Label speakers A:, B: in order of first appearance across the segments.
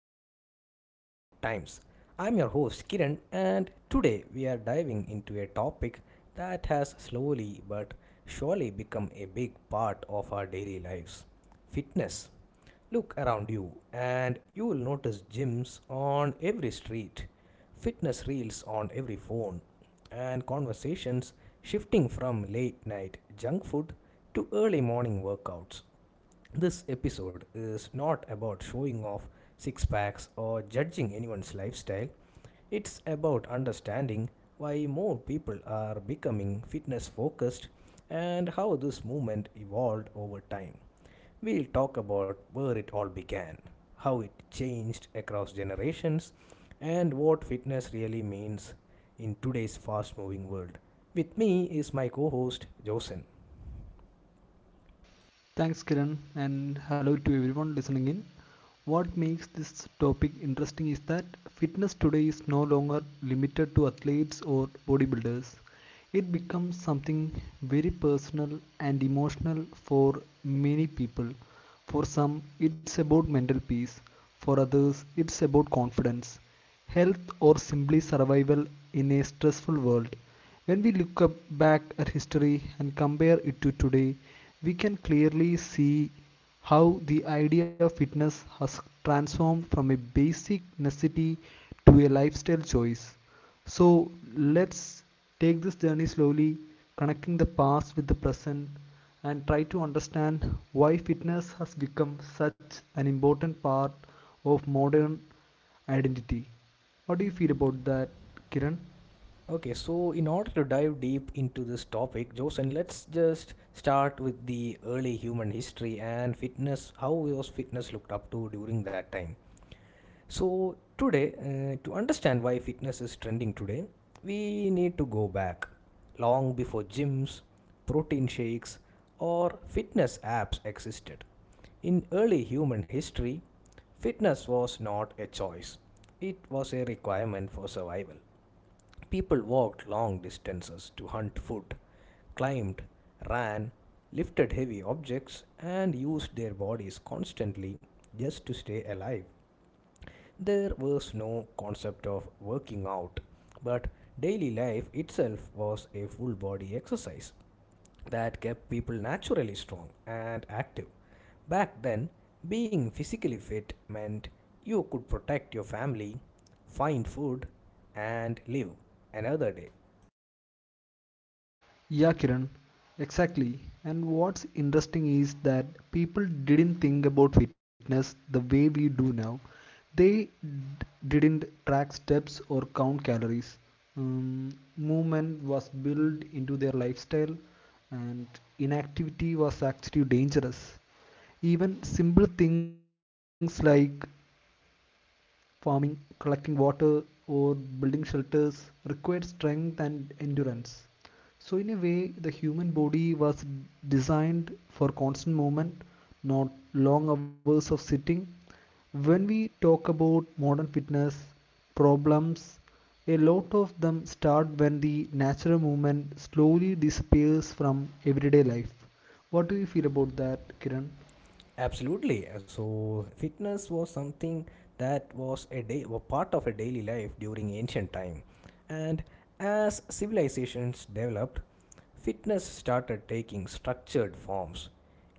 A: Fit Minds, Fit Times. I'm your host Kiran, and today we are diving into a topic that has slowly but surely become a big part of our daily lives fitness. Look around you, and you will notice gyms on every street, fitness reels on every phone, and conversations shifting from late night junk food to early morning workouts. This episode is not about showing off six packs or judging anyone's lifestyle. It's about understanding why more people are becoming fitness focused and how this movement evolved over time. We'll talk about where it all began, how it changed across generations, and what fitness really means in today's fast moving world. With me is my co host, Josen.
B: Thanks, Kiran, and hello to everyone listening in. What makes this topic interesting is that fitness today is no longer limited to athletes or bodybuilders. It becomes something very personal and emotional for many people. For some, it's about mental peace, for others, it's about confidence, health, or simply survival in a stressful world. When we look up back at history and compare it to today, we can clearly see how the idea of fitness has transformed from a basic necessity to a lifestyle choice. So let's take this journey slowly, connecting the past with the present and try to understand why fitness has become such an important part of modern identity. What do you feel about that, Kiran?
A: Okay, so in order to dive deep into this topic, Joseph, let's just start with the early human history and fitness. How was fitness looked up to during that time? Today, to understand why fitness is trending today, we need to go back long before gyms, protein shakes, or fitness apps existed. In early human history, fitness was not a choice, it was a requirement for survival. People walked long distances to hunt food, climbed, ran, lifted heavy objects, and used their bodies constantly just to stay alive. There was no concept of working out, but daily life itself was a full body exercise that kept people naturally strong and active. Back then, being physically fit meant you could protect your family, find food, and live another day.
B: Yeah, Kiran, exactly. And what's interesting is that people didn't think about fitness the way we do now. They d- didn't track steps or count calories. Movement was built into their lifestyle, and inactivity was actually dangerous. Even simple things like farming, collecting water, or building shelters required strength and endurance. So, in a way, the human body was designed for constant movement, not long hours of sitting. When we talk about modern fitness problems, a lot of them start when the natural movement slowly disappears from everyday life. What do you feel about that, Kiran?
A: Absolutely. So, fitness was something that was a part of a daily life during ancient time, and as civilizations developed, fitness started taking structured forms.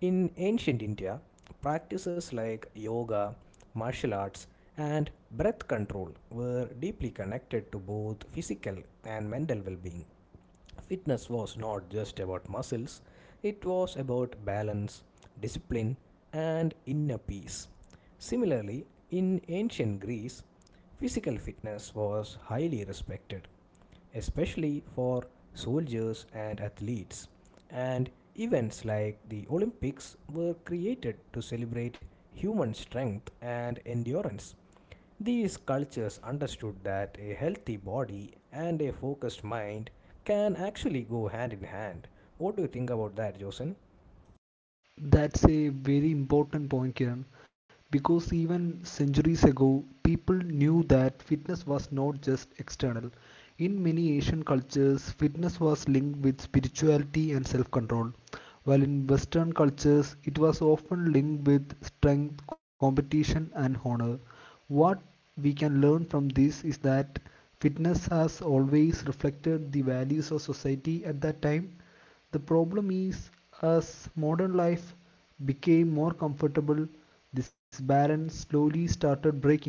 A: In ancient India, practices like yoga, martial arts, and breath control were deeply connected to both physical and mental well-being. Fitness was not just about muscles, it was about balance, discipline, and inner peace. Similarly, in ancient Greece, physical fitness was highly respected, especially for soldiers and athletes, and events like the Olympics were created to celebrate human strength and endurance. These cultures understood that a healthy body and a focused mind can actually go hand in hand. What do you think about that, Josen?
B: That's a very important point, Kiran, because even centuries ago, people knew that fitness was not just external. In many Asian cultures, fitness was linked with spirituality and self control, while in Western cultures, it was often linked with strength, competition, and honor. What we can learn from this is that fitness has always reflected the values of society at that time. The problem is, as modern life became more comfortable, this balance slowly started breaking.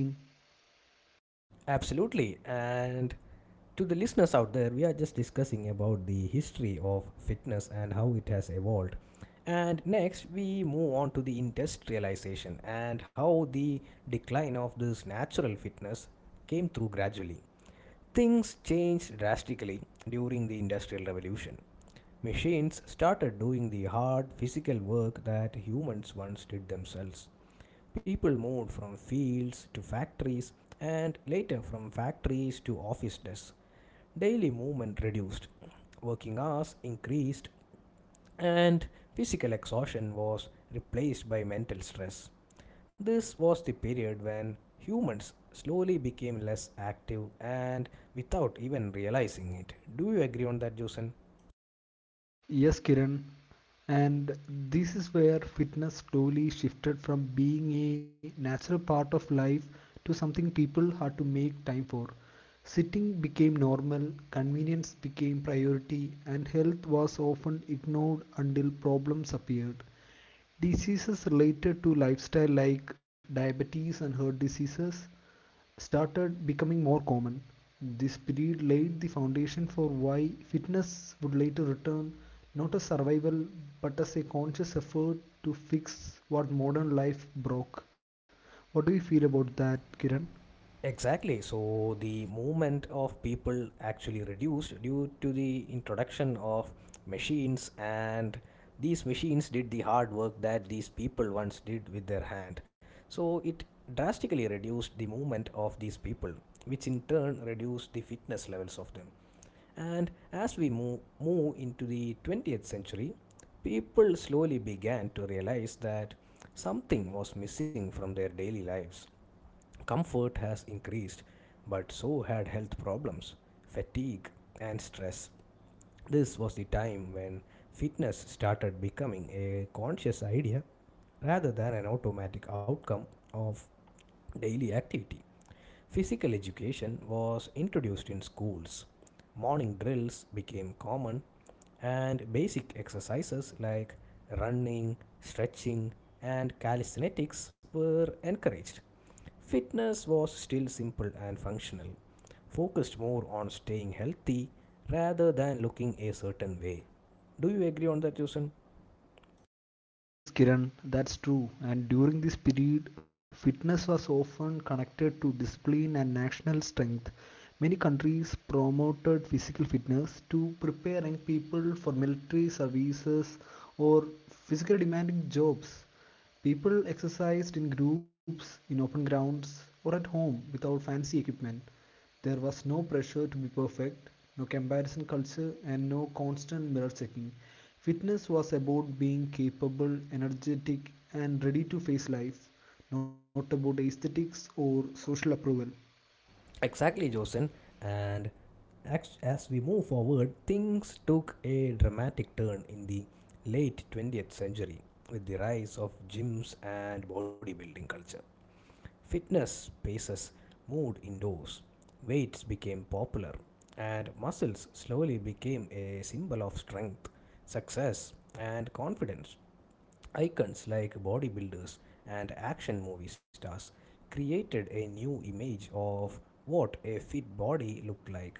A: Absolutely. And to the listeners out there, we are just discussing about the history of fitness and how it has evolved. And next, we move on to the industrialization and how the decline of this natural fitness came through gradually. Things changed drastically during the Industrial Revolution. Machines started doing the hard physical work that humans once did themselves. People moved from fields to factories and later from factories to office desks. Daily movement reduced, working hours increased, and physical exhaustion was replaced by mental stress. This was the period when humans slowly became less active and without even realizing it. Do you agree on that, Jason?
B: Yes, Kiran, and this is where fitness slowly shifted from being a natural part of life to something people had to make time for. Sitting became normal, convenience became priority, and health was often ignored until problems appeared. Diseases related to lifestyle, like diabetes and heart diseases, started becoming more common. This period laid the foundation for why fitness would later return, not as survival but as a conscious effort to fix what modern life broke. What do you feel about that, Kiran?
A: Exactly. So the movement of people actually reduced due to the introduction of machines, and these machines did the hard work that these people once did with their hand. So it drastically reduced the movement of these people, which in turn reduced the fitness levels of them. And as we move into the 20th century, people slowly began to realize that something was missing from their daily lives. Comfort has increased, but so had health problems, fatigue, and stress. This was the time when fitness started becoming a conscious idea rather than an automatic outcome of daily activity. Physical education was introduced in schools. Morning drills became common, and basic exercises like running, stretching, and calisthenics were encouraged. Fitness was still simple and functional, focused more on staying healthy rather than looking a certain way. Do you agree on that, Josen?
B: Yes, Kiran, that's true. And during this period, fitness was often connected to discipline and national strength. Many countries promoted physical fitness to prepare young people for military services or physically demanding jobs. People exercised in groups, in open grounds, or at home without fancy equipment. There was no pressure to be perfect, no comparison culture, and no constant mirror checking. Fitness was about being capable, energetic, and ready to face life, not about aesthetics or social approval.
A: Exactly, Josen. And as we move forward, things took a dramatic turn in the late 20th century with the rise of gyms and bodybuilding culture. Fitness spaces moved indoors, weights became popular, and muscles slowly became a symbol of strength, success, and confidence. Icons like bodybuilders and action movie stars created a new image of what a fit body looked like.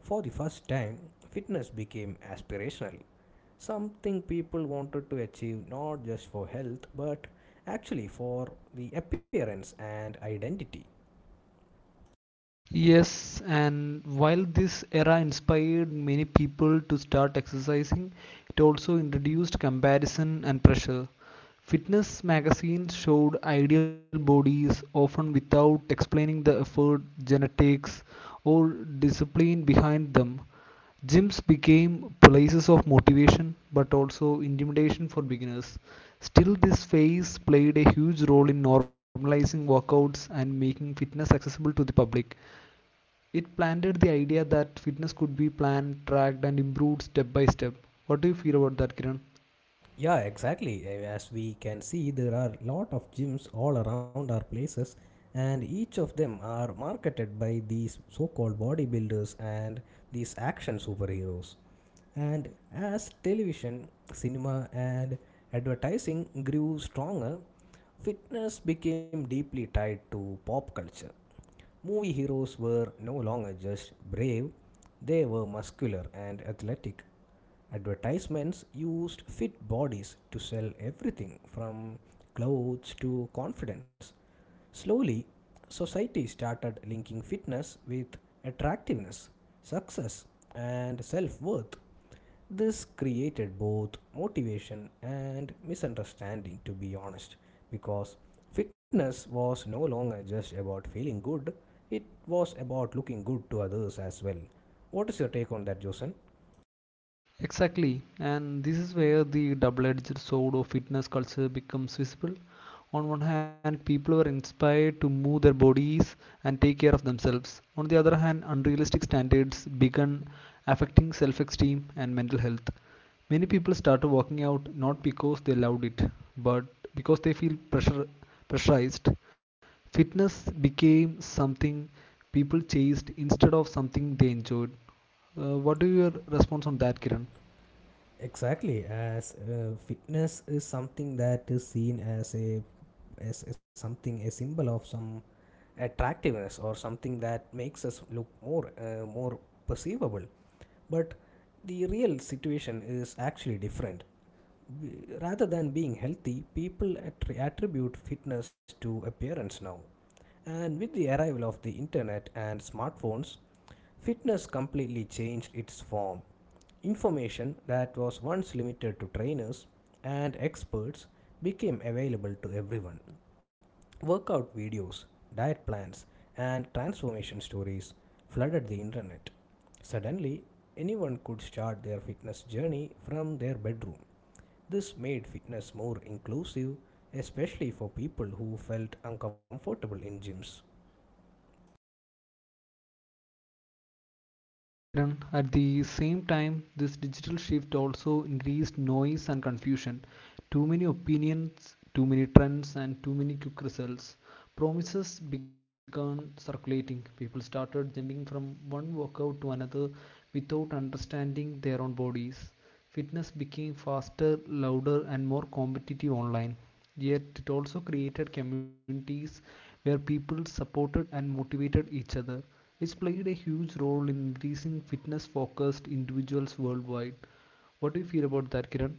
A: For the first time, fitness became aspirational, something people wanted to achieve not just for health but actually for the appearance and identity.
B: Yes, and while this era inspired many people to start exercising, it also introduced comparison and pressure. Fitness magazines showed ideal bodies, often without explaining the effort, genetics, or discipline behind them. Gyms became places of motivation but also intimidation for beginners. Still, this phase played a huge role in normalizing workouts and making fitness accessible to the public. It planted the idea that fitness could be planned, tracked, and improved step by step. What do you feel about that, Kiran?
A: Yeah, exactly. As we can see, there are lot of gyms all around our places, and each of them are marketed by these so called bodybuilders and these action superheroes. And as television, cinema, and advertising grew stronger, fitness became deeply tied to pop culture. Movie heroes were no longer just brave, they were muscular and athletic. Advertisements used fit bodies to sell everything from clothes to confidence. Slowly, society started linking fitness with attractiveness, success, and self worth. This created both motivation and misunderstanding, to be honest, because fitness was no longer just about feeling good, it was about looking good to others as well. What is your take on that, Josen?
B: Exactly, and this is where the double edged sword of fitness culture becomes visible. On one hand, people are inspired to move their bodies and take care of themselves. On the other hand, unrealistic standards begin affecting self esteem and mental health. Many people start working out not because they loved it, but because they feel pressure, pressurized. Fitness became something people chased instead of something they enjoyed. What is your response on that, Kiran?
A: Exactly, as fitness is something that is seen as a something a symbol of some attractiveness or something that makes us look more perceivable. But the real situation is actually different. Rather than being healthy, people attribute fitness to appearance now. And with the arrival of the internet and smartphones, fitness completely changed its form. Information that was once limited to trainers and experts became available to everyone. Workout videos, diet plans, and transformation stories flooded the internet. Suddenly, anyone could start their fitness journey from their bedroom. This made fitness more inclusive, especially for people who felt uncomfortable in gyms.
B: Yes, Kiran. At the same time, this digital shift also increased noise and confusion. Too many opinions, too many trends, and too many quick results. Promises began circulating. People started jumping from one workout to another without understanding their own bodies. Fitness became faster, louder, and more competitive online. Yet, it also created communities where people supported and motivated each other. It's played a huge role in increasing fitness focused individuals worldwide. What do you feel about that, Kiran?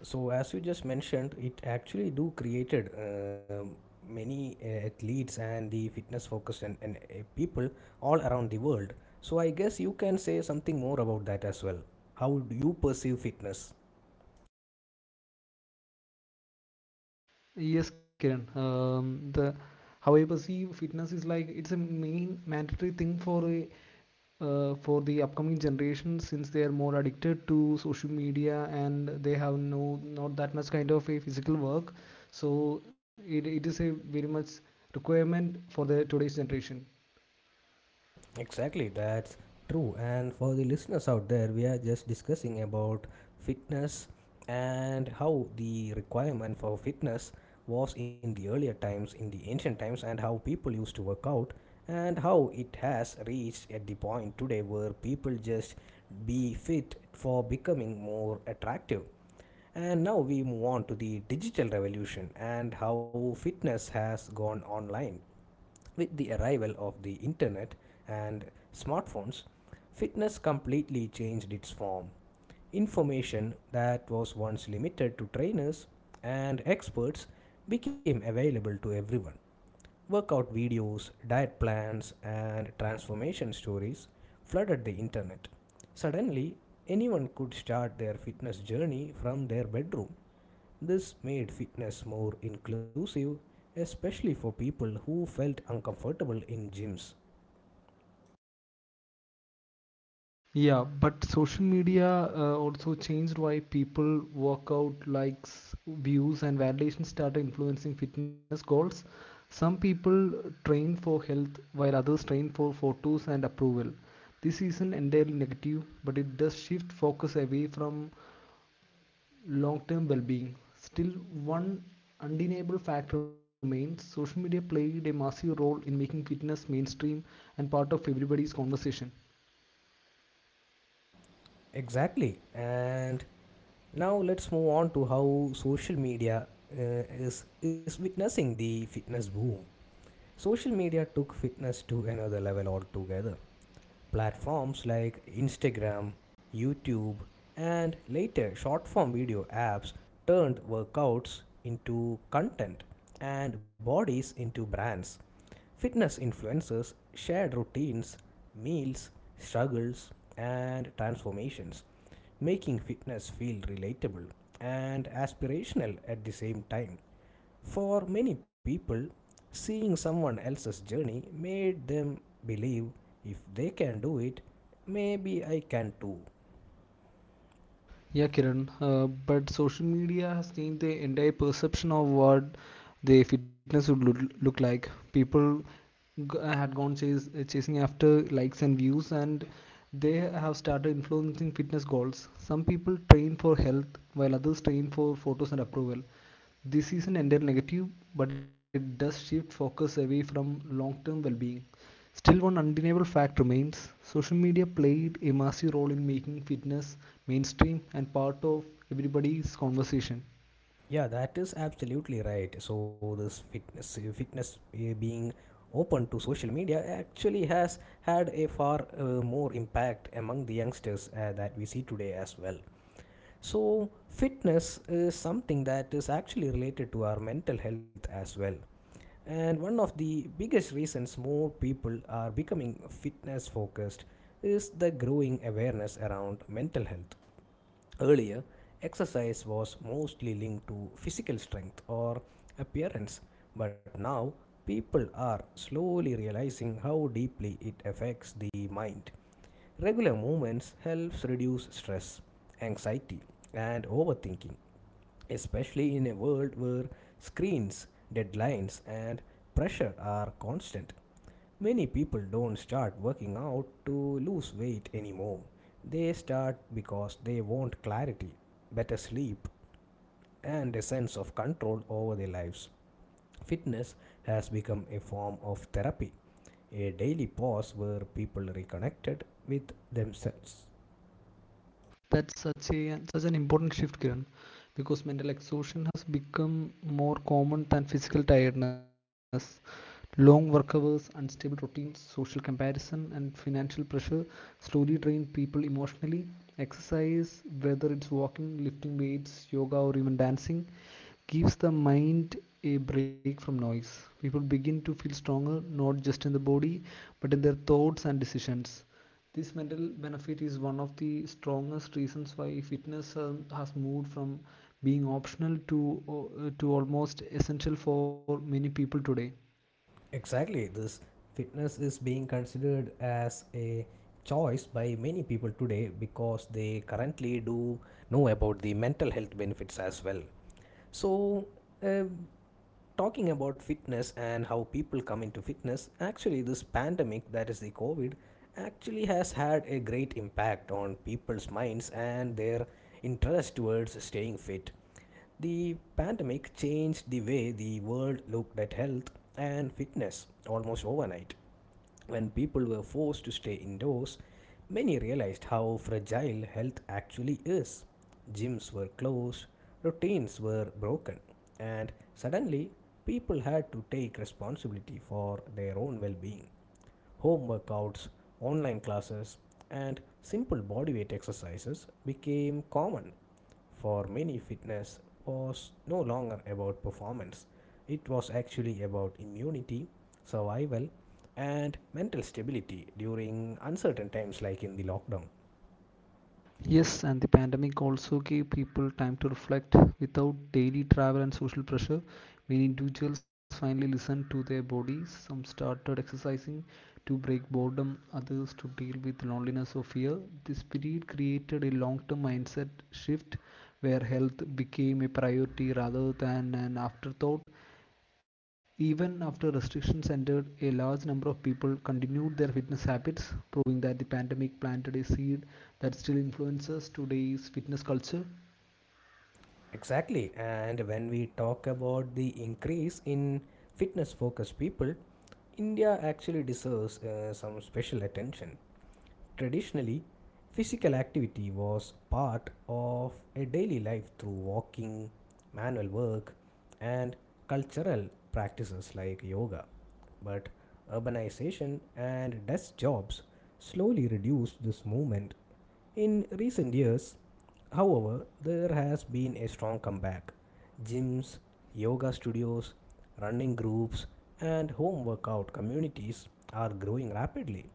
A: So as you just mentioned, it actually do created many athletes and the fitness focused and people all around the world. So I guess you can say something more about that as well. How do you perceive fitness?
B: Yes, Kiran. The How I perceive fitness is like it's a main mandatory thing for for the upcoming generation since they are more addicted to social media and they have not that much kind of a physical work. So it is a very much requirement for the today's generation.
A: Exactly, that's true. And for the listeners out there, we are just discussing about fitness and how the requirement for fitness was in the earlier times, in the ancient times, and how people used to work out, and how it has reached at the point today where people just be fit for becoming more attractive. And now we move on to the digital revolution and how fitness has gone online. With the arrival of the internet and smartphones, fitness completely changed its form. Information that was once limited to trainers and experts became available to everyone. Workout videos, diet plans, and transformation stories flooded the internet. Suddenly, anyone could start their fitness journey from their bedroom. This made fitness more inclusive, especially for people who felt uncomfortable in gyms.
B: Yeah, but social media also changed why people workout, likes, views, and validation started influencing fitness goals. Some people train for health while others train for photos and approval. This isn't entirely negative, but it does shift focus away from long term well being. Still, one undeniable fact remains, social media played a massive role in making fitness mainstream and part of everybody's conversation.
A: Exactly. And now let's move on to how social media uh, is witnessing the fitness boom. Social media took fitness to another level altogether. Platforms like Instagram, YouTube, and later short form video apps turned workouts into content and bodies into brands. Fitness influencers shared routines, meals, struggles, and transformations, making fitness feel relatable and aspirational at the same time. For many people, seeing someone else's journey made them believe if they can do it, maybe I can too.
B: Yeah, Kiran. But social media has changed the entire perception of what the fitness would look like. People chasing after likes and views, and they have started influencing fitness goals. Some people train for health, while others train for photos and approval. This isn't entirely negative, but it does shift focus away from long term well being. Still, one undeniable fact remains, social media played a massive role in making fitness mainstream and part of everybody's conversation.
A: Yeah, that is absolutely right. So this fitness being open to social media actually has had a far more impact among the youngsters that we see today as well. So fitness is something that is actually related to our mental health as well. And one of the biggest reasons more people are becoming fitness focused is the growing awareness around mental health. Earlier, exercise was mostly linked to physical strength or appearance, but now people are slowly realizing how deeply it affects the mind. Regular movements helps reduce stress, anxiety, and overthinking, especially in a world where screens, deadlines, and pressure are constant. Many people don't start working out to lose weight anymore. They start because they want clarity, better sleep, and a sense of control over their lives. Fitness has become a form of therapy, a daily pause where people reconnected with themselves.
B: That's such an important shift, Kiran, because mental exhaustion has become more common than physical tiredness. Long work hours, unstable routines, social comparison, and financial pressure slowly drain people emotionally. Exercise, whether it's walking, lifting weights, yoga, or even dancing, gives the mind a break from noise. People begin to feel stronger, not just in the body, but in their thoughts and decisions. This mental benefit is one of the strongest reasons why fitness has moved from being optional to almost essential for many people today.
A: Exactly, this fitness is being considered as a choice by many people today because they currently do know about the mental health benefits as well. So, um talking about fitness and how people come into fitness, actually this pandemic, that is the covid, actually has had a great impact on people's minds and their interest towards staying fit. The pandemic changed the way the world looked at health and fitness almost overnight. When people were forced to stay indoors, many realized how fragile health actually is. Gyms were closed, routines were broken, and suddenly people had to take responsibility for their own well being. Home workouts, online classes, and simple bodyweight exercises became common. For many, fitness was no longer about performance, it was actually about immunity, survival, and mental stability during uncertain times like in the lockdown.
B: Yes, and the pandemic also gave people time to reflect without daily travel and social pressure. Many individuals finally listened to their bodies. Some started exercising to break boredom, others to deal with loneliness or fear. This period created a long term mindset shift where health became a priority rather than an afterthought. Even after restrictions ended, a large number of people continued their fitness habits, proving that the pandemic planted a seed that still influences today's fitness culture.
A: Exactly, and when we talk about the increase in fitness focused people, India actually deserves some special attention. Traditionally, physical activity was part of a daily life through walking, manual work, and cultural practices like yoga. But urbanization and desk jobs slowly reduced this movement in recent years. However, there has been a strong comeback. Gyms, yoga studios, running groups, and home workout communities are growing rapidly,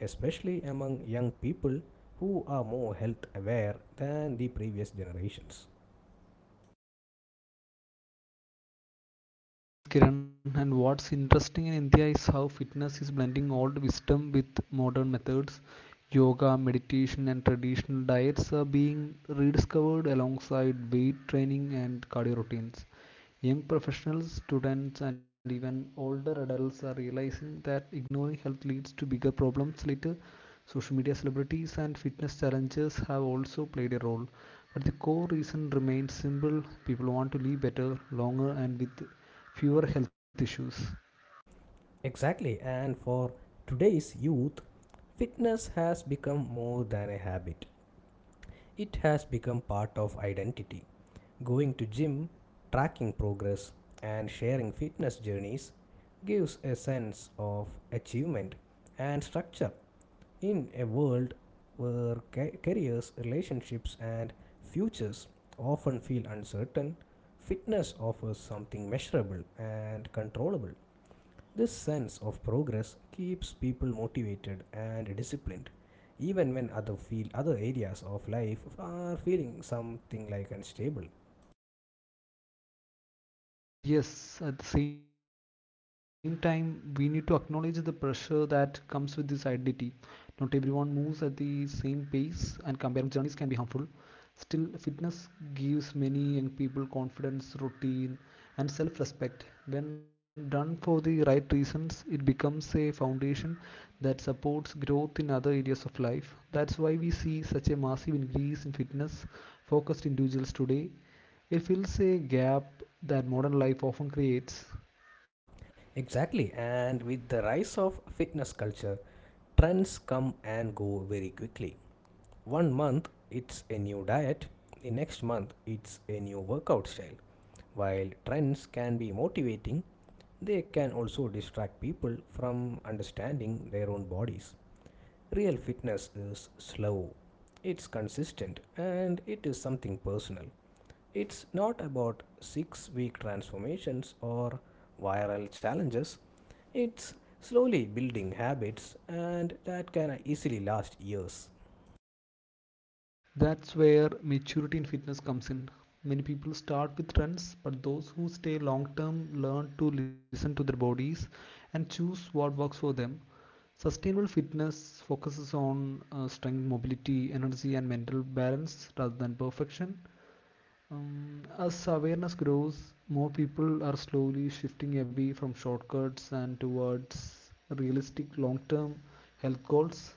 A: especially among young people who are more health aware than the previous generations.
B: Yes, Kiran, and what's interesting in India is how fitness is blending old wisdom with modern methods. Yoga, meditation, and traditional diets are being rediscovered alongside weight training and cardio routines. Young professionals, students, and even older adults are realizing that ignoring health leads to bigger problems later. Social media celebrities and fitness challenges have also played a role. But the core reason remains simple, people want to live better, longer, and with fewer health issues.
A: Exactly, and for today's youth, fitness has become more than a habit, it has become part of identity. Going to gym, tracking progress, and sharing fitness journeys gives a sense of achievement and structure in a world where careers, relationships, and futures often feel uncertain. Fitness offers something measurable and controllable. This sense of progress keeps people motivated and disciplined, even when other areas of life are feeling something like unstable.
B: Yes, at the same time, we need to acknowledge the pressure that comes with this identity. Not everyone moves at the same pace, and comparing journeys can be harmful. Still, fitness gives many young people confidence, routine, and self respect. When done for the right reasons, it becomes a foundation that supports growth in other areas of life. That's why we see such a massive increase in fitness focused individuals today. It fills a gap that modern life often creates.
A: Exactly, and with the rise of fitness culture, trends come and go very quickly. one month it's a new diet, the next month it's a new workout style. While trends can be motivating, they can also distract people from understanding their own bodies. Real fitness is slow, it's consistent, and it is something personal. It's not about six-week transformations or viral challenges. It's slowly building habits and that can easily last years.
B: That's where maturity in fitness comes in. Many people start with trends, but those who stay long term learn to listen to their bodies and choose what works for them. Sustainable fitness focuses on strength, mobility, energy, and mental balance rather than perfection. As awareness grows, more people are slowly shifting away from shortcuts and towards realistic long term health goals.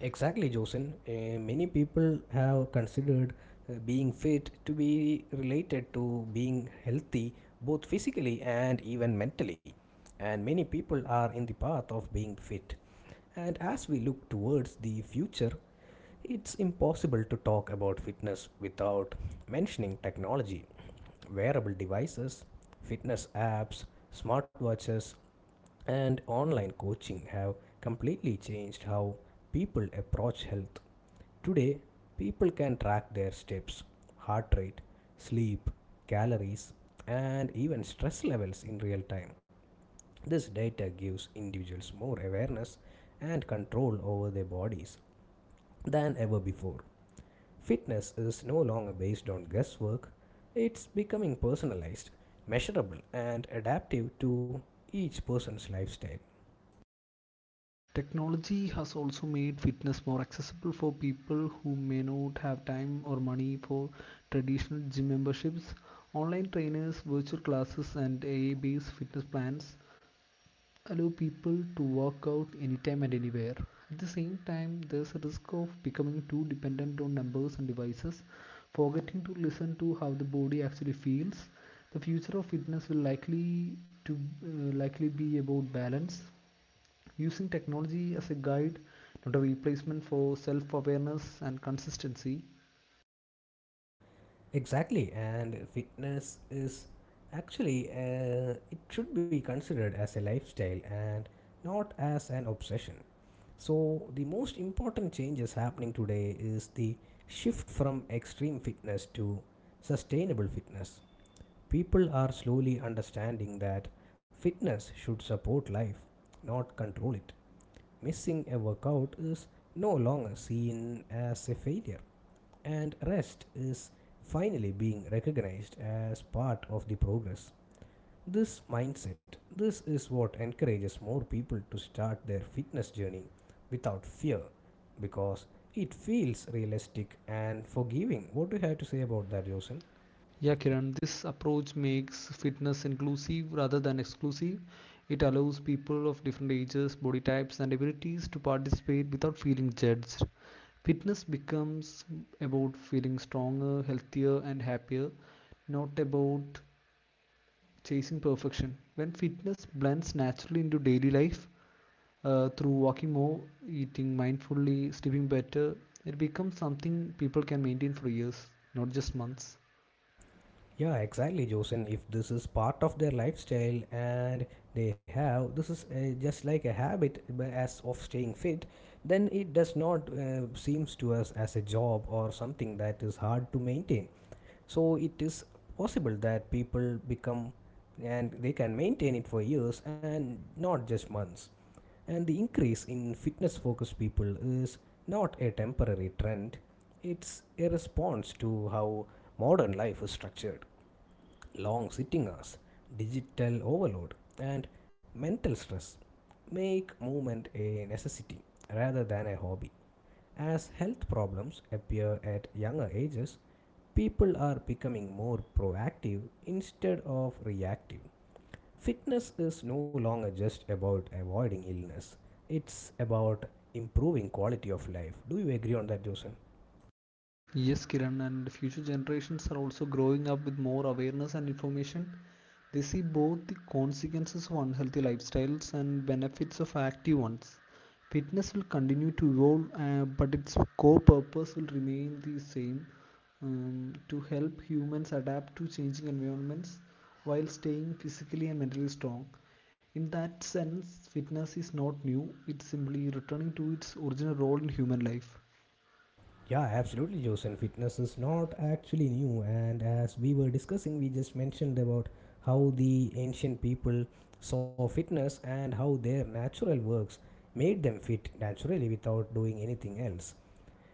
A: Exactly, Josin. Many people have considered being fit to be related to being healthy, both physically and even mentally. And many people are in the path of being fit. And as we look towards the future, it's impossible to talk about fitness without mentioning technology. Wearable devices, fitness apps, smartwatches, and online coaching have completely changed how people approach health. Today, people can track their steps, heart rate, sleep, calories, and even stress levels in real time. This data gives individuals more awareness and control over their bodies than ever before. Fitness is no longer based on guesswork, it's becoming personalized, measurable, and adaptive to each person's lifestyle.
B: Technology has also made fitness more accessible for people who may not have time or money for traditional gym memberships. Online trainers, virtual classes, and AI based fitness plans allow people to work out anytime and anywhere. At the same time, there's a risk of becoming too dependent on numbers and devices, forgetting to listen to how the body actually feels. The future of fitness will likely be about balance, using technology as a guide, not a replacement for self awareness and consistency.
A: Exactly, and fitness is actually, it should be considered as a lifestyle and not as an obsession. So the most important changes happening today is the shift from extreme fitness to sustainable fitness. People are slowly understanding that fitness should support life, not control it. Missing a workout is no longer seen as a failure, and rest is finally being recognized as part of the progress. This mindset, this is what encourages more people to start their fitness journey without fear because it feels realistic and forgiving. What do you have to say about that, Josen?
B: Yeah, Kiran, this approach makes fitness inclusive rather than exclusive. It allows people of different ages, body types, and abilities to participate without feeling judged. Fitness becomes about feeling stronger, healthier, and happier, not about chasing perfection. When fitness blends naturally into daily life, through walking more, eating mindfully, sleeping better, it becomes something people can maintain for years, not just months.
A: Yeah, exactly, Joseph. If this is part of their lifestyle and they have this is just like a habit as of staying fit, then it does not seems to us as a job or something that is hard to maintain. So it is possible that people become and they can maintain it for years and not just months. And the increase in fitness focused people is not a temporary trend, it's a response to how modern life is structured: long sitting hours, digital overload, and mental stress make movement a necessity rather than a hobby. As health problems appear at younger ages, people are becoming more proactive instead of reactive. Fitness is no longer just about avoiding illness, it's about improving quality of life. Do you agree on that, Joseph?
B: Yes, Kiran, and future generations are also growing up with more awareness and information. They see both the consequences of unhealthy lifestyles and benefits of active ones. Fitness will continue to evolve, but its core purpose will remain the same, to help humans adapt to changing environments while staying physically and mentally strong. In that sense, fitness is not new, it's simply returning to its original role in human life.
A: Yeah, absolutely, Joseph. Fitness is not actually new, and as we were discussing, we just mentioned about how the ancient people saw fitness and how their natural works made them fit naturally without doing anything else.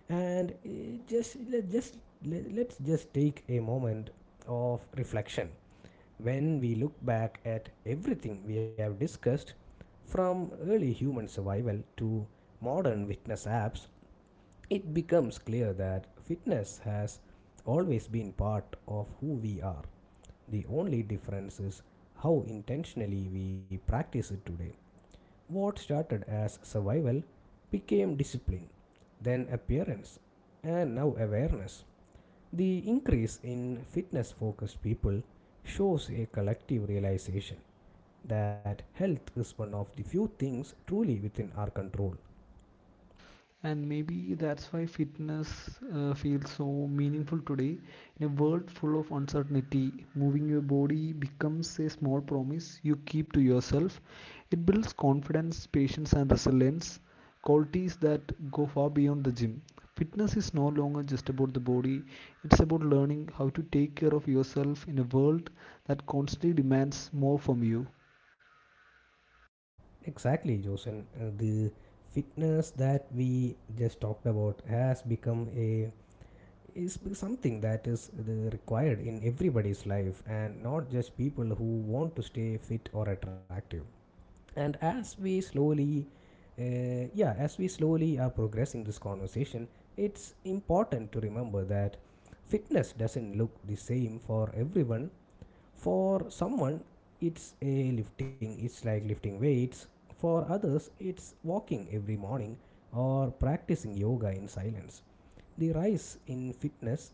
A: And let's just take a moment of reflection. When we look back at everything we have discussed, from early human survival to modern fitness apps, it becomes clear that fitness has always been part of who we are. The only difference is how intentionally we practice it today. What started as survival became discipline, then appearance, and now awareness. The increase in fitness focused people shows a collective realization that health is one of the few things truly within our control.
B: And maybe that's why fitness feels so meaningful today in a world full of uncertainty. Moving your body becomes a small promise you keep to yourself. It builds confidence, patience and resilience, qualities that go far beyond the gym. Fitness is no longer just about the body, it's about learning how to take care of yourself in a world that constantly demands more from you.
A: Exactly, Joseph. The fitness that we just talked about has become a is something that is the required in everybody's life and not just people who want to stay fit or attractive. And as we slowly, yeah, as we slowly are progressing this conversation, it's important to remember that fitness doesn't look the same for everyone. For someone, it's like lifting weights. For others, it's walking every morning or practicing yoga in silence. The rise in fitness,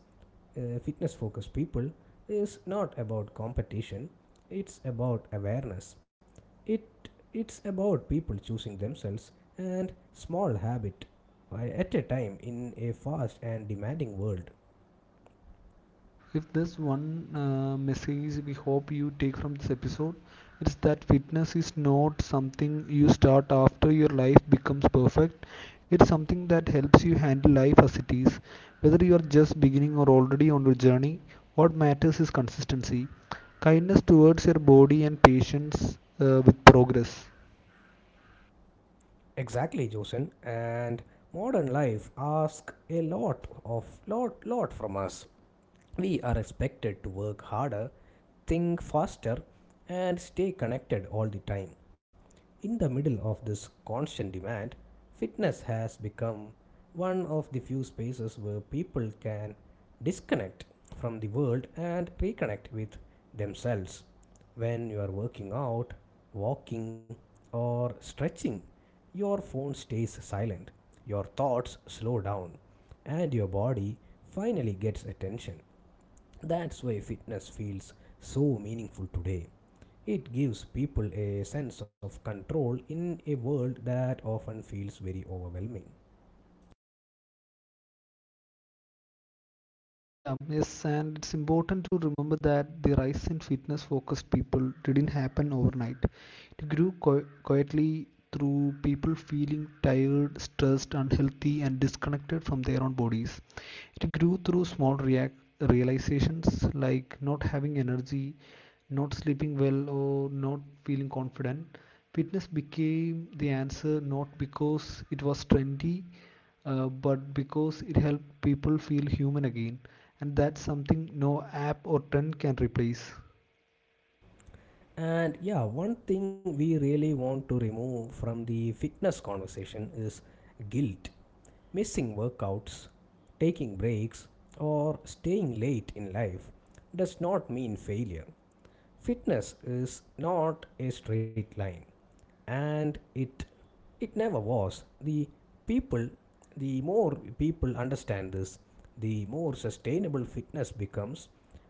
A: uh, fitness focused people is not about competition, it's about awareness. It, it's about people choosing themselves and small habit at a time in a fast and demanding world.
B: If there's one message we hope you take from this episode, it's that fitness is not something you start after your life becomes perfect. It's something that helps you handle life as it is. Whether you are just beginning or already on your journey, what matters is consistency, kindness towards your body, and patience with progress.
A: Exactly, Josen. And modern life asks a lot of lot from us. We are expected to work harder, think faster, and stay connected all the time. In the middle of this constant demand, fitness has become one of the few spaces where people can disconnect from the world and reconnect with themselves. When you are working out, walking, or stretching, your phone stays silent, your thoughts slow down, and your body finally gets attention. That's why fitness feels so meaningful today. It gives people a sense of control in a world that often feels very overwhelming.
B: Yeah, yes, and it's important to remember that the rise in fitness focused people didn't happen overnight. It grew quietly through people feeling tired, stressed, unhealthy, and disconnected from their own bodies. It grew through small react realizations like not having energy, not sleeping well, or not feeling confident. Fitness became the answer not because it was trendy, but because it helped people feel human again, and that's something no app or trend can replace.
A: And yeah, one thing we really want to remove from the fitness conversation is guilt. Missing workouts, taking breaks, or staying late in life does not mean failure. Fitness is not a straight line, and it never was. People, the more people understand this, the more sustainable fitness becomes.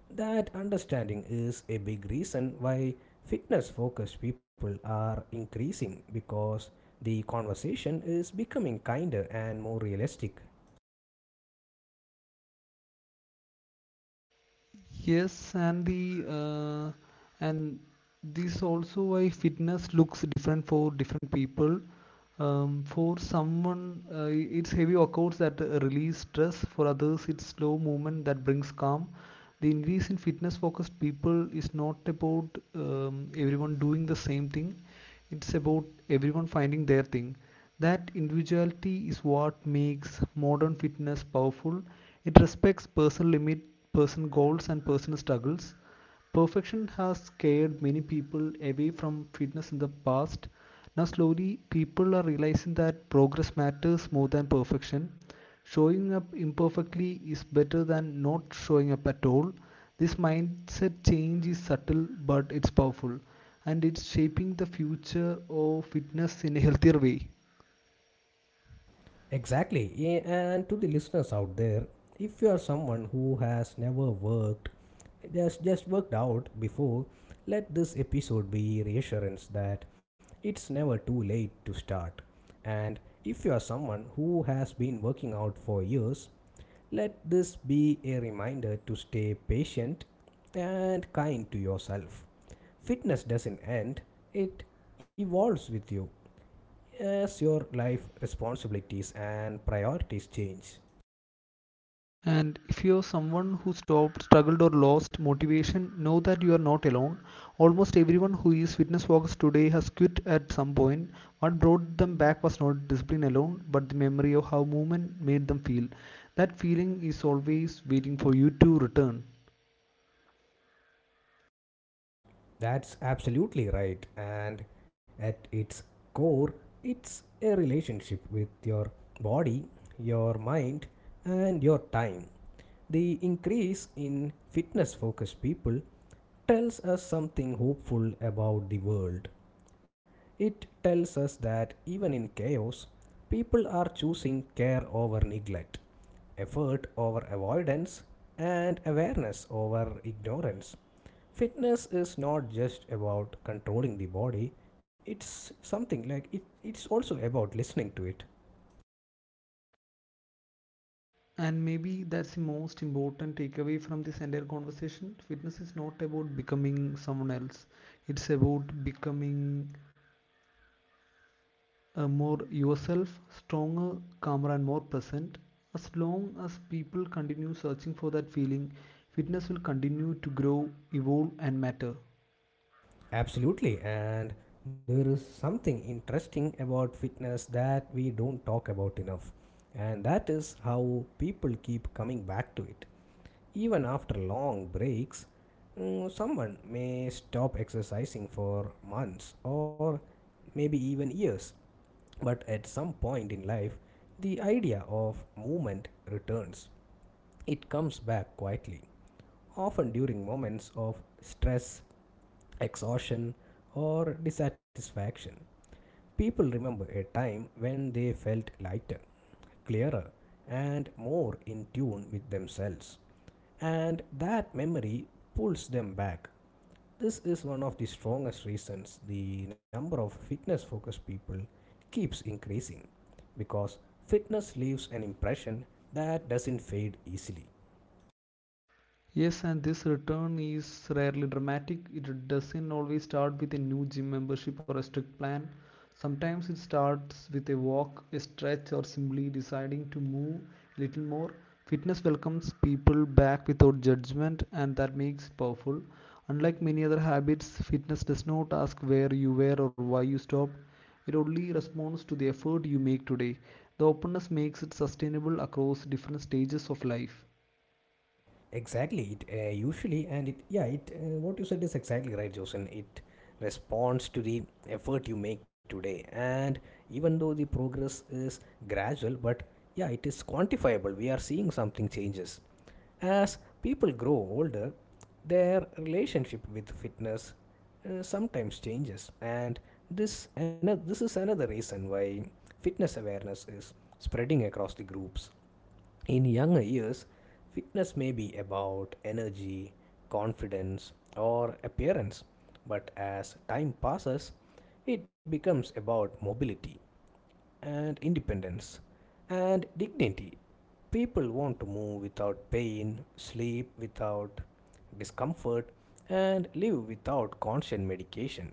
A: That understanding is a big reason why fitness focused people are increasing because the conversation is becoming kinder and more realistic.
B: Yes, and the uh, and this also why fitness looks different for different people. For someone, it's heavy workouts that release stress. For others, it's slow movement that brings calm. The increase in fitness focused people is not about everyone doing the same thing, it's about everyone finding their thing. That individuality is what makes modern fitness powerful. It respects personal limits, personal goals and personal struggles. Perfection has scared many people away from fitness in the past. Now, slowly, people are realizing that progress matters more than perfection. Showing up imperfectly is better than not showing up at all. This mindset change is subtle but it's powerful, and it's shaping the future of fitness in a healthier way.
A: Exactly. Yeah. And to the listeners out there, if you are someone who has never worked, just worked out before, let this episode be reassurance that it's never too late to start. And if you are someone who has been working out for years, let this be a reminder to stay patient and kind to yourself. Fitness doesn't end, it evolves with you as your life responsibilities and priorities change.
B: And if you're someone who stopped, struggled, or lost motivation, know that you are not alone. Almost everyone who is fitness focused today has quit at some point. What brought them back was not discipline alone, but the memory of how movement made them feel. That feeling is always waiting for you to return.
A: That's absolutely right. And at its core, it's a relationship with your body, your mind, and your time. The increase in fitness focused people tells us something hopeful about the world. It tells us that even in chaos, people are choosing care over neglect, effort over avoidance, and awareness over ignorance. Fitness is not just about controlling the body, it's also about listening to it.
B: And maybe that's the most important takeaway from this entire conversation. Fitness is not about becoming someone else, it's about becoming more yourself, stronger, calmer, and more present. As long as people continue searching for that feeling, fitness will continue to grow, evolve, and matter.
A: Absolutely, and there is something interesting about fitness that we don't talk about enough, and that is how people keep coming back to it. Even after long breaks, someone may stop exercising for months or maybe even years, but at some point in life, the idea of movement returns. It comes back quietly, often during moments of stress, exhaustion, or dissatisfaction. People remember a time when they felt lighter, clearer, and more in tune with themselves. And that memory pulls them back. This is one of the strongest reasons the number of fitness focused people keeps increasing because fitness leaves an impression that doesn't fade easily.
B: Yes, and this return is rarely dramatic. It doesn't always start with a new gym membership or a strict plan. Sometimes it starts with a walk, a stretch, or simply deciding to move a little more. Fitness welcomes people back without judgment, and that makes it powerful. Unlike many other habits, fitness does not ask where you were or why you stopped. It only responds to the effort you make today. The openness makes it sustainable across different stages of life.
A: Exactly. It usually and it yeah it What you said is exactly right, Josen. It responds to the effort you make today, and even though the progress is gradual, but yeah, it is quantifiable. We are seeing something changes as people grow older. Their relationship with fitness sometimes changes, and this is another reason why fitness awareness is spreading across the groups. In younger years, fitness may be about energy, confidence, or appearance, but as time passes, it becomes about mobility and independence and dignity. People want to move without pain, sleep without discomfort, and live without constant medication.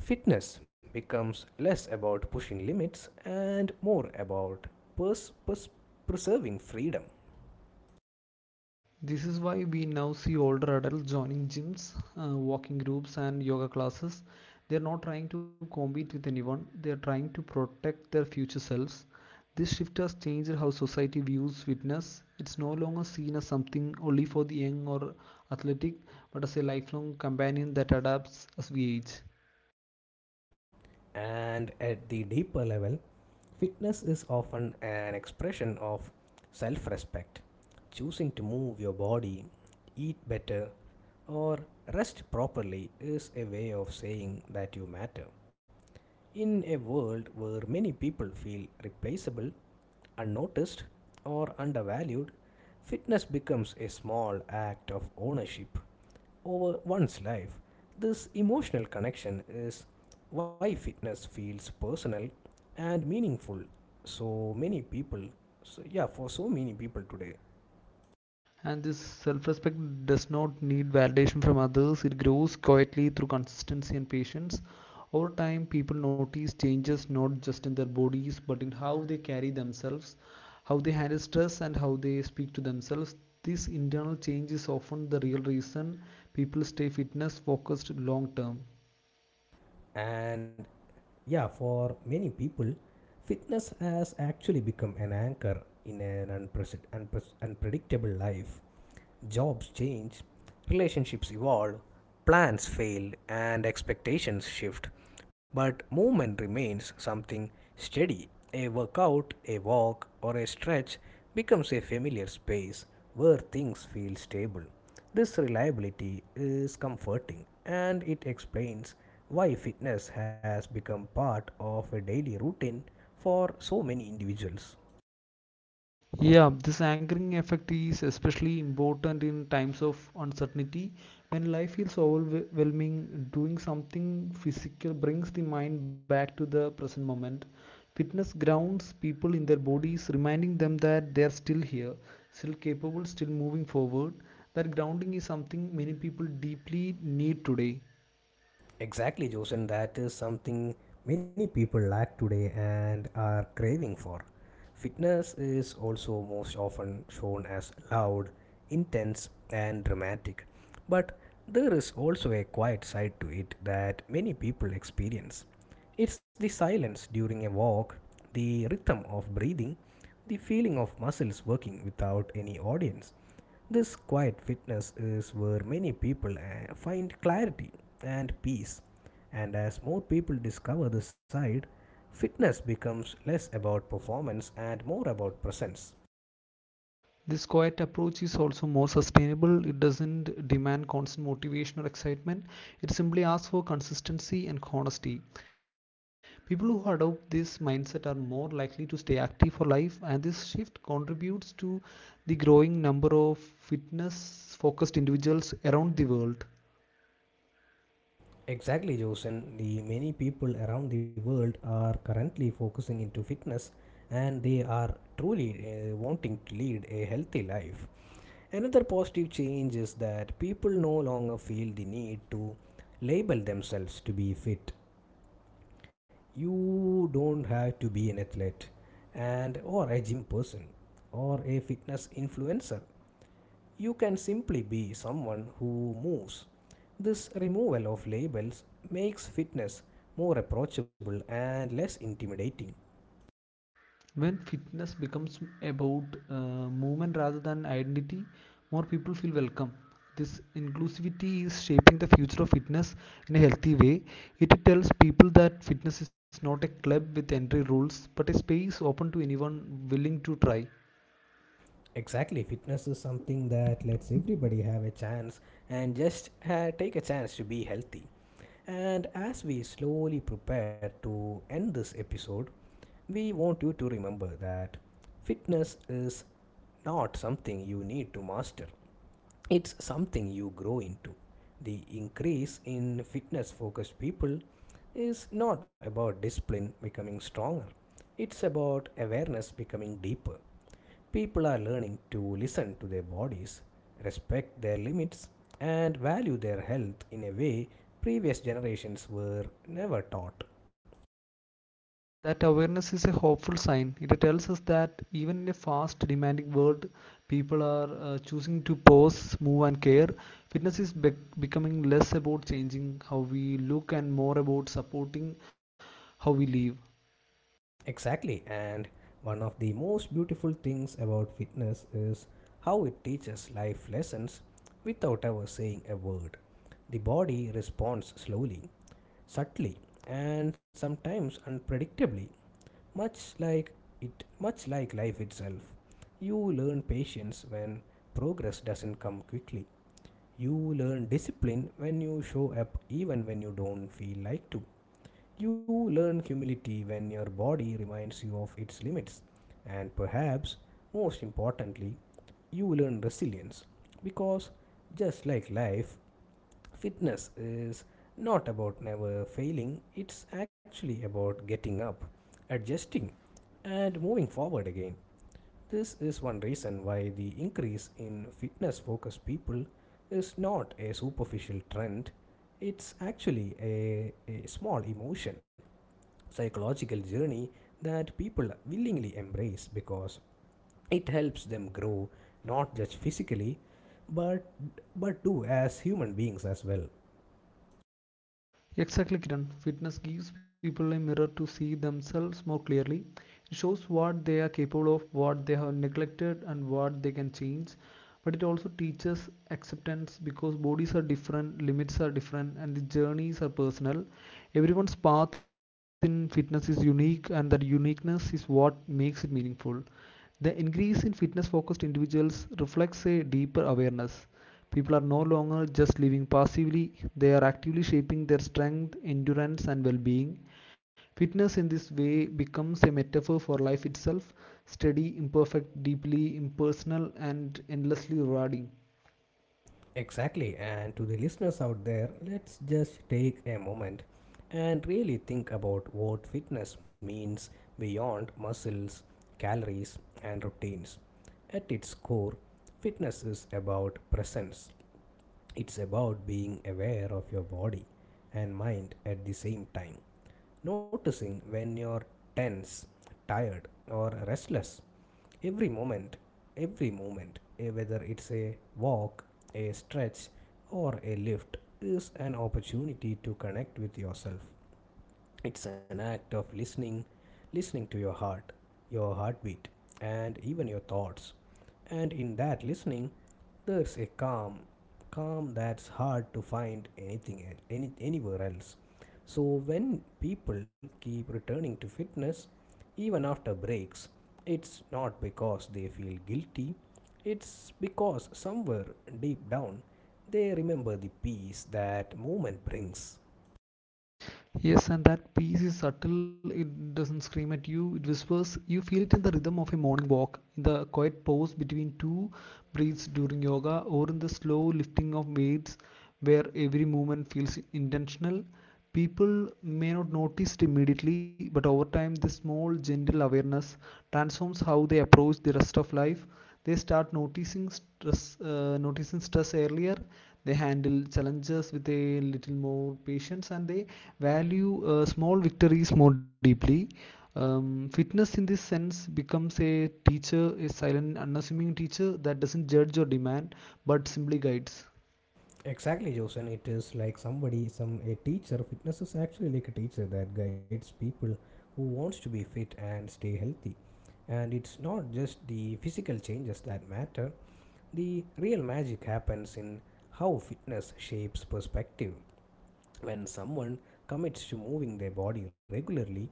A: Fitness becomes less about pushing limits and more about pers- pers- preserving freedom.
B: This is why we now see older adults joining gyms, walking groups, and yoga classes. They're not trying to compete with anyone, they're trying to protect their future selves. This shift has changed how society views fitness. It's no longer seen as something only for the young or athletic, but as a lifelong companion that adapts as we age.
A: And at the deeper level, fitness is often an expression of self respect. Choosing to move your body, eat better, or rest properly is a way of saying that you matter. In a world where many people feel replaceable, unnoticed, or undervalued, fitness becomes a small act of ownership over one's life. This emotional connection is why fitness feels personal and meaningful. So many people, so yeah, for so many people today,
B: And this self respect does not need validation from others, it grows quietly through consistency and patience. Over time, people notice changes not just in their bodies but in how they carry themselves, how they handle stress, and how they speak to themselves. This internal change is often the real reason people stay fitness focused long term.
A: and yeah, for many people, fitness has actually become an anchor in an unpredictable life. Jobs change, relationships evolve, plans fail, and expectations shift. But movement remains something steady. A workout, a walk, or a stretch becomes a familiar space where things feel stable. This reliability is comforting and it explains why fitness has become part of a daily routine for so many individuals.
B: Yeah, this anchoring effect is especially important in times of uncertainty. When life feels overwhelming, doing something physical brings the mind back to the present moment. Fitness grounds people in their bodies, reminding them that they are still here, still capable, still moving forward. That grounding is something many people deeply need today.
A: Exactly, Joseph. That is something many people lack today and are craving for. Fitness is also most often shown as loud, intense, and dramatic. But there is also a quiet side to it that many people experience. It's the silence during a walk, the rhythm of breathing, the feeling of muscles working without any audience. This quiet fitness is where many people find clarity and peace. And as more people discover this side, fitness becomes less about performance and more about presence.
B: This quiet approach is also more sustainable. It doesn't demand constant motivation or excitement. It simply asks for consistency and honesty. People who adopt this mindset are more likely to stay active for life, and this shift contributes to the growing number of fitness focused individuals around the world.
A: Exactly, Josen. The many people around the world are currently focusing into fitness and they are truly wanting to lead a healthy life. Another positive change is that people no longer feel the need to label themselves to be fit. You don't have to be an athlete and or a gym person or a fitness influencer. You can simply be someone who moves. This removal of labels makes fitness more approachable and less intimidating.
B: When fitness becomes about movement rather than identity, more people feel welcome. This inclusivity is shaping the future of fitness in a healthy way. It tells people that fitness is not a club with entry rules but a space open to anyone willing to try.
A: Exactly, fitness is something that lets everybody have a chance and just take a chance to be healthy. And as we slowly prepare to end this episode, we want you to remember that fitness is not something you need to master, it's something you grow into. The increase in fitness focused people is not about discipline becoming stronger, it's about awareness becoming deeper. People are learning to listen to their bodies, respect their limits, and value their health in a way previous generations were never taught.
B: And that awareness is a hopeful sign. It tells us that even in a fast, demanding world, people are choosing to pause, move, and care. Fitness is becoming less about changing how we look and more about supporting how we live.
A: Exactly, and one of the most beautiful things about fitness is how it teaches life lessons without ever saying a word. The body responds slowly, subtly, and sometimes unpredictably, much like life itself. You learn patience when progress doesn't come quickly. You learn discipline when you show up even when you don't feel like to. You learn humility when your body reminds you of its limits. And perhaps most importantly, you learn resilience because just like life, fitness is not about never failing, it's actually about getting up, adjusting, and moving forward again. This is one reason why the increase in fitness focused people is not a superficial trend, it's actually a small emotion psychological journey that people willingly embrace because it helps them grow not just physically but do as human beings as well.
B: Exactly, Kiran. Fitness gives people a mirror to see themselves more clearly. It shows what they are capable of, what they have neglected, and what they can change. But it also teaches acceptance because bodies are different, limits are different, and the journeys are personal. Everyone's path in fitness is unique, and that uniqueness is what makes it meaningful. The increase in fitness focused individuals reflects a deeper awareness. People are no longer just living passively, they are actively shaping their strength, endurance, and well being. Fitness in this way becomes a metaphor for life itself, steady, imperfect, deeply impersonal, and endlessly rewarding.
A: Exactly, and to the listeners out there, let's just take a moment and really think about what fitness means beyond muscles, calories, and routines. At its core, fitness is about presence. It's about being aware of your body and mind at the same time, noticing when you're tense, tired, or restless. Every moment, every moment, whether it's a walk, a stretch, or a lift, is an opportunity to connect with yourself. It's an act of listening, listening to your heart, your heartbeat, and even your thoughts. And in that listening, there's a calm, calm that's hard to find anywhere else. So when people keep returning to fitness, even after breaks, it's not because they feel guilty, it's because somewhere deep down they remember the peace that movement brings.
B: Yes, and that peace is subtle. It doesn't scream at you, it whispers. You feel it in the rhythm of a morning walk, in the quiet pause between two breaths during yoga, or in the slow lifting of weights where every movement feels intentional. People may not notice it immediately, but over time, this small, gentle awareness transforms how they approach the rest of life. They start noticing stress, noticing stress earlier. They handle challenges with a little more patience, and they value small victories more deeply. Fitness in this sense becomes a teacher, a silent, unassuming teacher that doesn't judge or demand but simply guides.
A: Exactly, Joseph. It is like somebody, some a teacher. Fitness is actually like a teacher that guides people who wants to be fit and stay healthy. And it's not just the physical changes that matter. The real magic happens in how fitness shapes perspective. When someone commits to moving their body regularly,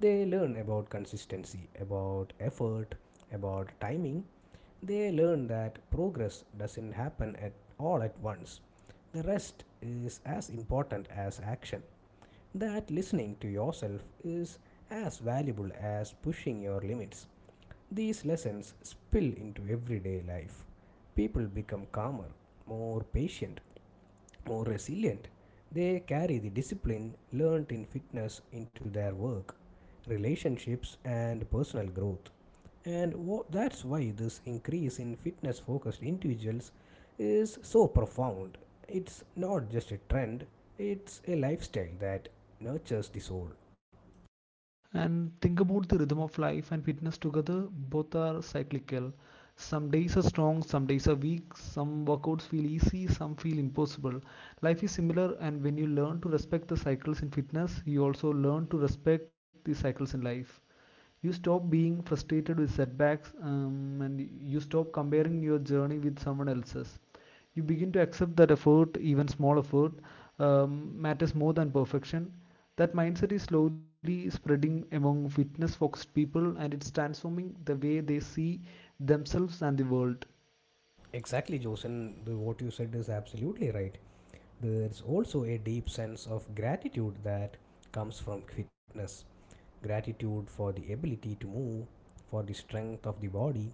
A: they learn about consistency, about effort, about timing. They learn that progress doesn't happen at all at once. The rest is as important as action. That listening to yourself is as valuable as pushing your limits. These lessons spill into everyday life. People become calmer, more patient, more resilient. They carry the discipline learned in fitness into their work, relationships, and personal growth. And that's why this increase in fitness focused individuals is so profound. It's not just a trend, it's a lifestyle that nurtures the soul.
B: And think about the rhythm of life and fitness together, both are cyclical. Some days are strong, some days are weak, some workouts feel easy, some feel impossible. Life is similar, and when you learn to respect the cycles in fitness, you also learn to respect the cycles in life. You stop being frustrated with setbacks, and you stop comparing your journey with someone else's. You begin to accept that effort, even small effort, um, matters more than perfection. That mindset is slowly spreading among fitness focused people and it's transforming the way they see themselves and the world.
A: Exactly, Josen. What you said is absolutely right. There's also a deep sense of gratitude that comes from fitness. Gratitude for the ability to move, for the strength of the body,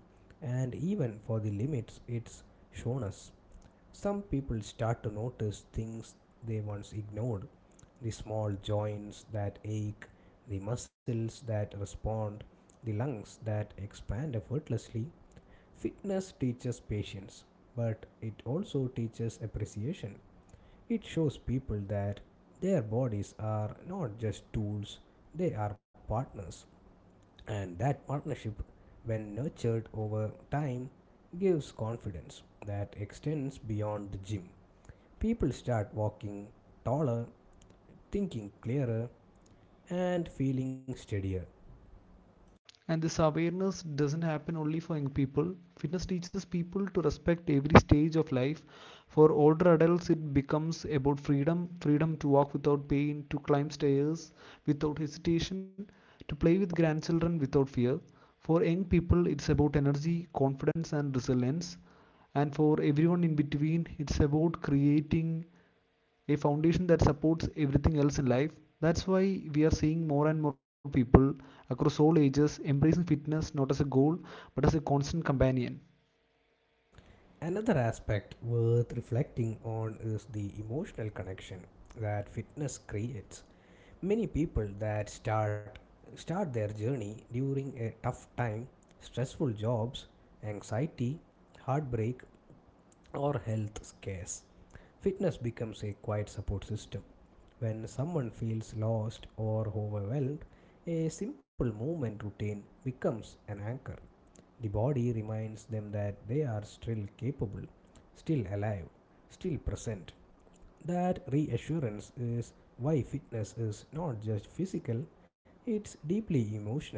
A: and even for the limits it's shown us. Some people start to notice things they once ignored: the small joints that ache, the muscles that respond, the lungs that expand effortlessly. Fitness teaches patience, but it also teaches appreciation. It shows people that their bodies are not just tools, they are partners. And that partnership, when nurtured over time, gives confidence that extends beyond the gym. People start walking taller, thinking clearer, and feeling steadier.
B: And this awareness doesn't happen only for young people. Fitness teaches people to respect every stage of life. For older adults it becomes about freedom, freedom to walk without pain, to climb stairs without hesitation, to play with grandchildren without fear. For young people it's about energy, confidence and resilience, and for everyone in between it's about creating a foundation that supports everything else in life. That's why we are seeing more and more people across all ages embracing fitness not as a goal but as a constant companion.
A: Another aspect worth reflecting on is the emotional connection that fitness creates. Many people that start their journey during a tough time, stressful jobs, anxiety, heartbreak, or health scares. Fitness becomes a quiet support system. When someone feels lost or overwhelmed, a simple movement routine becomes an anchor. The body reminds them that they are still capable, still alive, still present. That reassurance is why fitness is not just physical, it's deeply emotional,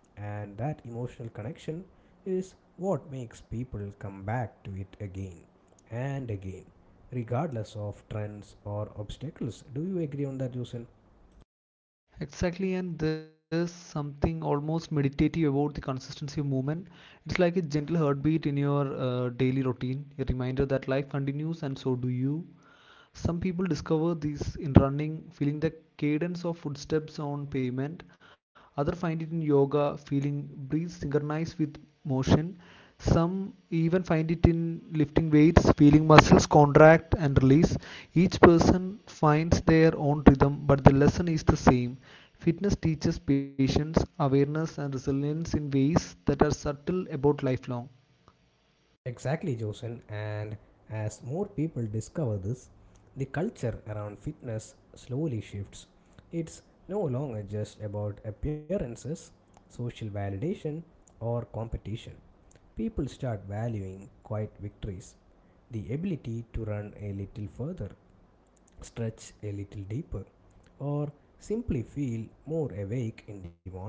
A: and that emotional connection is what makes people come back to it again and again, regardless of trends or obstacles. Do you agree on that, Jusen?
B: Exactly, and there's something almost meditative about the consistency of movement. It's like a gentle heartbeat in your daily routine, a reminder that life continues and so do you. Some people discover this in running, feeling the cadence of footsteps on pavement. Others find it in yoga, feeling breathe synchronized with motion. Some even find it in lifting weights, feeling muscles contract and release. Each person finds their own rhythm, but the lesson is the same. Fitness teaches patience, awareness, and resilience in ways that are subtle about lifelong.
A: Exactly, Josen. And as more people discover this, the culture around fitness slowly shifts. It's no longer just about appearances, social validation, or competition. People start valuing quiet victories, the ability to run a little further, stretch a little deeper, or simply feel more awake in the morning.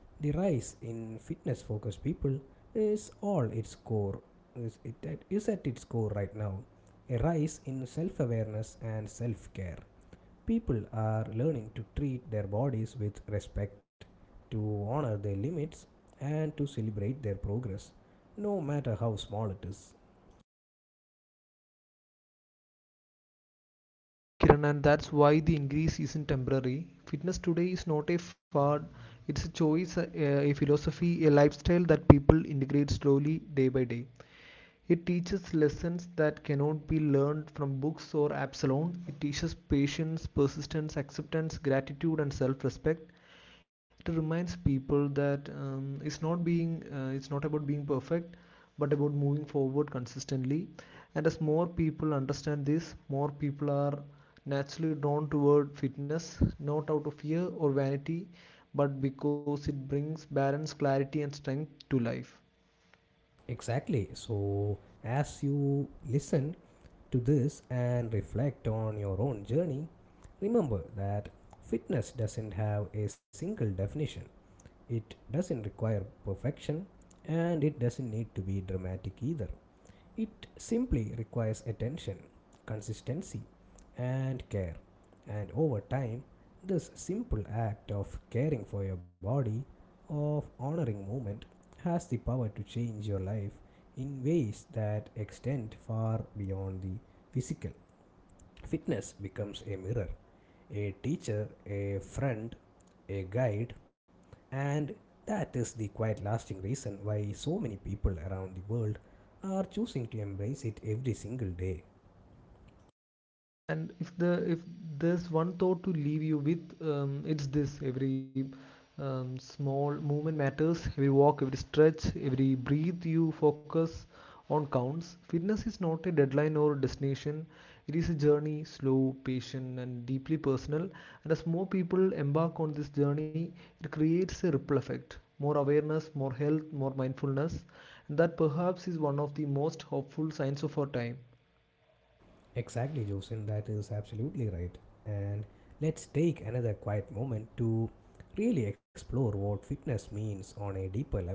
A: The rise in fitness focused people is all its core is, it is at its core right now. A rise in self awareness and self care. People are learning to treat their bodies with respect, to honor their limits, and to celebrate their progress, no matter how small it is.
B: Yeah, Kiran, and that's why the increase isn't temporary. Fitness today is not a fad, it's a choice, a philosophy, a lifestyle that people integrate slowly day by day. It teaches lessons that cannot be learned from books or apps alone. It teaches patience, persistence, acceptance, gratitude, and self respect. It reminds people that it's not about being perfect but about moving forward consistently, and as more people understand this, more people are naturally drawn toward fitness, not out of fear or vanity, but because it brings balance, clarity and strength to life.
A: Exactly. So, as you listen to this and reflect on your own journey, remember that fitness doesn't have a single definition. It doesn't require perfection and it doesn't need to be dramatic either. It simply requires attention, consistency, and care. And over time, this simple act of caring for your body, of honoring movement, has the power to change your life in ways that extend far beyond the physical. Fitness becomes a mirror, a teacher, a friend, a guide, and that is the quite lasting reason why so many people around the world are choosing to embrace it every single day.
B: And if there's one thought to leave you with, it's this. Every small movement matters. Every walk, every stretch, every breathe you focus on counts. Fitness is not a deadline or destination, it is a journey, slow, patient and deeply personal, and as more people embark on this journey, it creates a ripple effect, more awareness, more health, more mindfulness, and that perhaps is one of the most hopeful signs of our time.
A: Exactly, Joseph, that is absolutely right. And let's take another quiet moment to really explore what fitness means on a deeper level.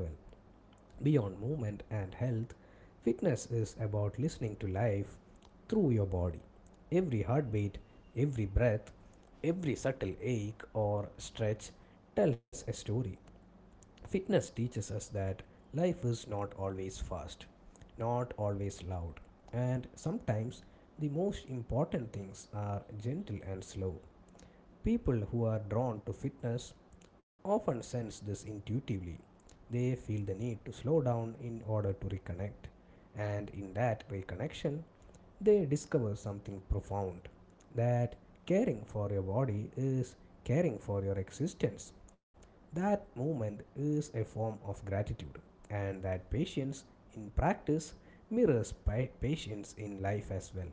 A: Beyond movement and health, fitness is about listening to life through your body. Every heartbeat, every breath, every subtle ache or stretch tells a story. Fitness teaches us that life is not always fast, not always loud, and sometimes the most important things are gentle and slow. People who are drawn to fitness often sense this intuitively. They feel the need to slow down in order to reconnect, and in that reconnection, they discover something profound, that caring for your body is caring for your existence. That movement is a form of gratitude, and that patience in practice mirrors patience in life as well.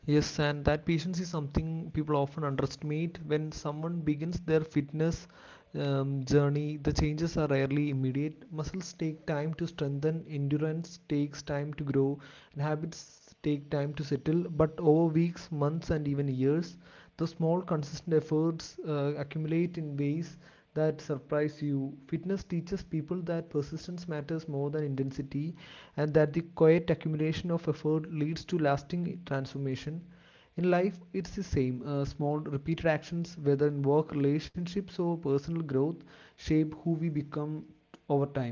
B: Yes, and that patience is something people often underestimate. When someone begins their fitness journey, the changes are rarely immediate. Muscles take time to strengthen, endurance takes time to grow, and habits take time to settle. But over weeks, months, and even years, the small, consistent efforts accumulate in ways that surprise you. Fitness teaches people that persistence matters more than intensity, and that the quiet accumulation of effort leads to lasting transformation. In life, it's the same. Small repeated actions, whether in work, relationships, or personal growth, shape who we become over time.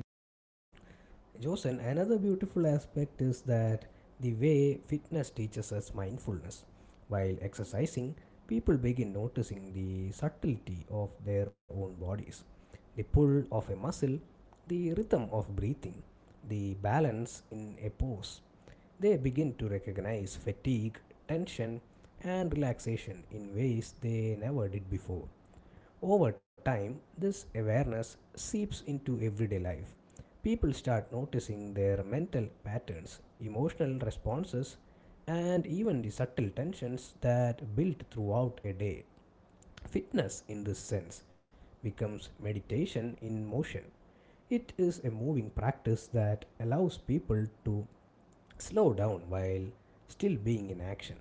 A: Josen, another beautiful aspect is that the way fitness teaches us mindfulness. While exercising, people begin noticing the subtlety of their own bodies: the pull of a muscle, the rhythm of breathing, the balance in a pose. They begin to recognize fatigue, tension, and relaxation in ways they never did before. Over time, this awareness seeps into everyday life. People start noticing their mental patterns, emotional responses, and even the subtle tensions that build throughout a day. Fitness, in this sense, becomes meditation in motion. It is a moving practice that allows people to slow down while still being in action.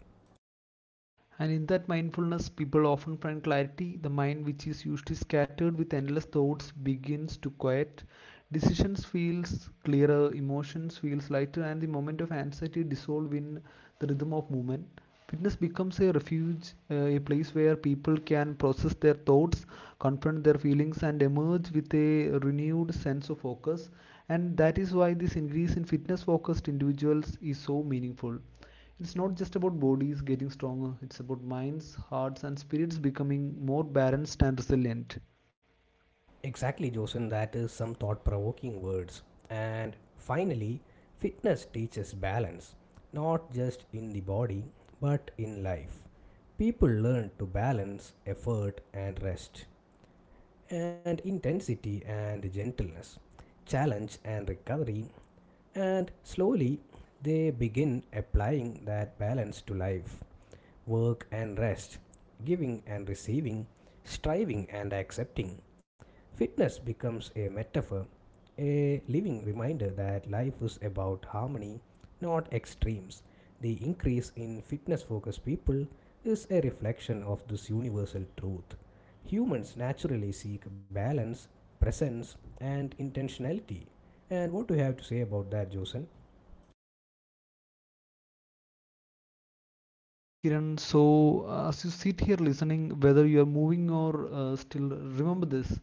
B: And in that mindfulness, people often find clarity. The mind, which is usually scattered with endless thoughts, begins to quiet. Decisions feels clearer, emotions feels lighter, and the moment of anxiety dissolve in the rhythm of movement. Fitness becomes a refuge, a place where people can process their thoughts, confront their feelings, and emerge with a renewed sense of focus. And that is why this increase in fitness focused individuals is so meaningful. It's not just about bodies getting stronger, it's about minds, hearts, and spirits becoming more balanced and resilient.
A: Exactly, Joseph. That is some thought provoking words. And finally, fitness teaches balance, not just in the body, but in life. People learn to balance effort and rest, and intensity and gentleness, challenge and recovery, and slowly they begin applying that balance to life: work and rest, giving and receiving, striving and accepting. Fitness becomes a metaphor, a living reminder that life is about harmony, not extremes. The increase in fitness focused people is a reflection of this universal truth. Humans naturally seek balance, presence, and intentionality. And what do you have to say about that, Josen?
B: Yes, Kiran, so as you sit here listening, whether you are moving or still, remember this.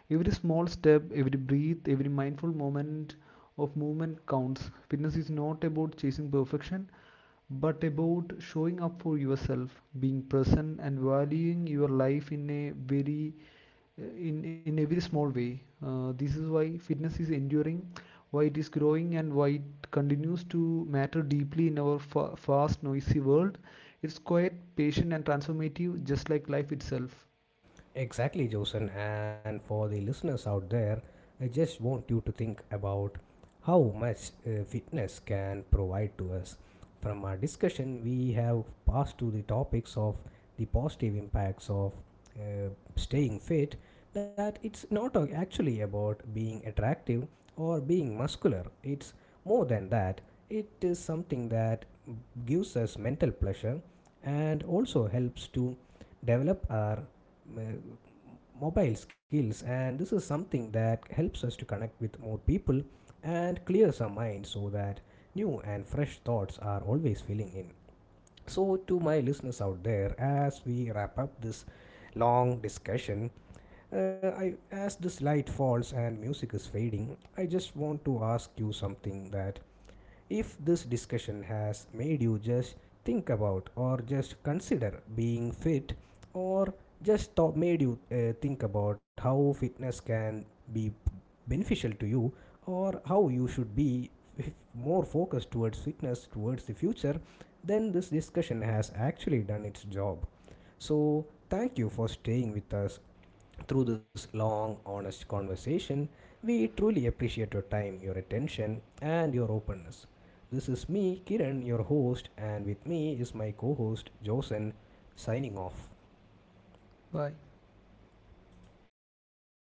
B: Every small step, every breath, every mindful moment of movement counts. Fitness is not about chasing perfection, but about showing up for yourself, being present, and valuing your life in a very in every small way. This is why fitness is enduring, why it is growing and why it continues to matter deeply in our fast noisy world. It's quite patient and transformative just like life itself.
A: Exactly, Josen. And for the listeners out there, I just want you to think about how much fitness can provide to us. From our discussion, we have passed to the topics of the positive impacts of uh, staying fit, that it's not actually about being attractive or being muscular. It's more than that, it is something that gives us mental pleasure and also helps to develop our uh, mobile skills, and this is something that helps us to connect with more people and clears our mind so that new and fresh thoughts are always filling in. So to my listeners out there, as we wrap up this long discussion, as this light falls and music is fading, I just want to ask you something. That if this discussion has made you just think about or just consider being fit, or just thought made you think about how fitness can be beneficial to you, or how you should be more focused towards fitness towards the future, then this discussion has actually done its job. So thank you for staying with us through this long, honest conversation. We truly appreciate your time, your attention, and your openness. This is me, Kiran, your host, and with me is my co host, Josen, signing off.
B: Bye.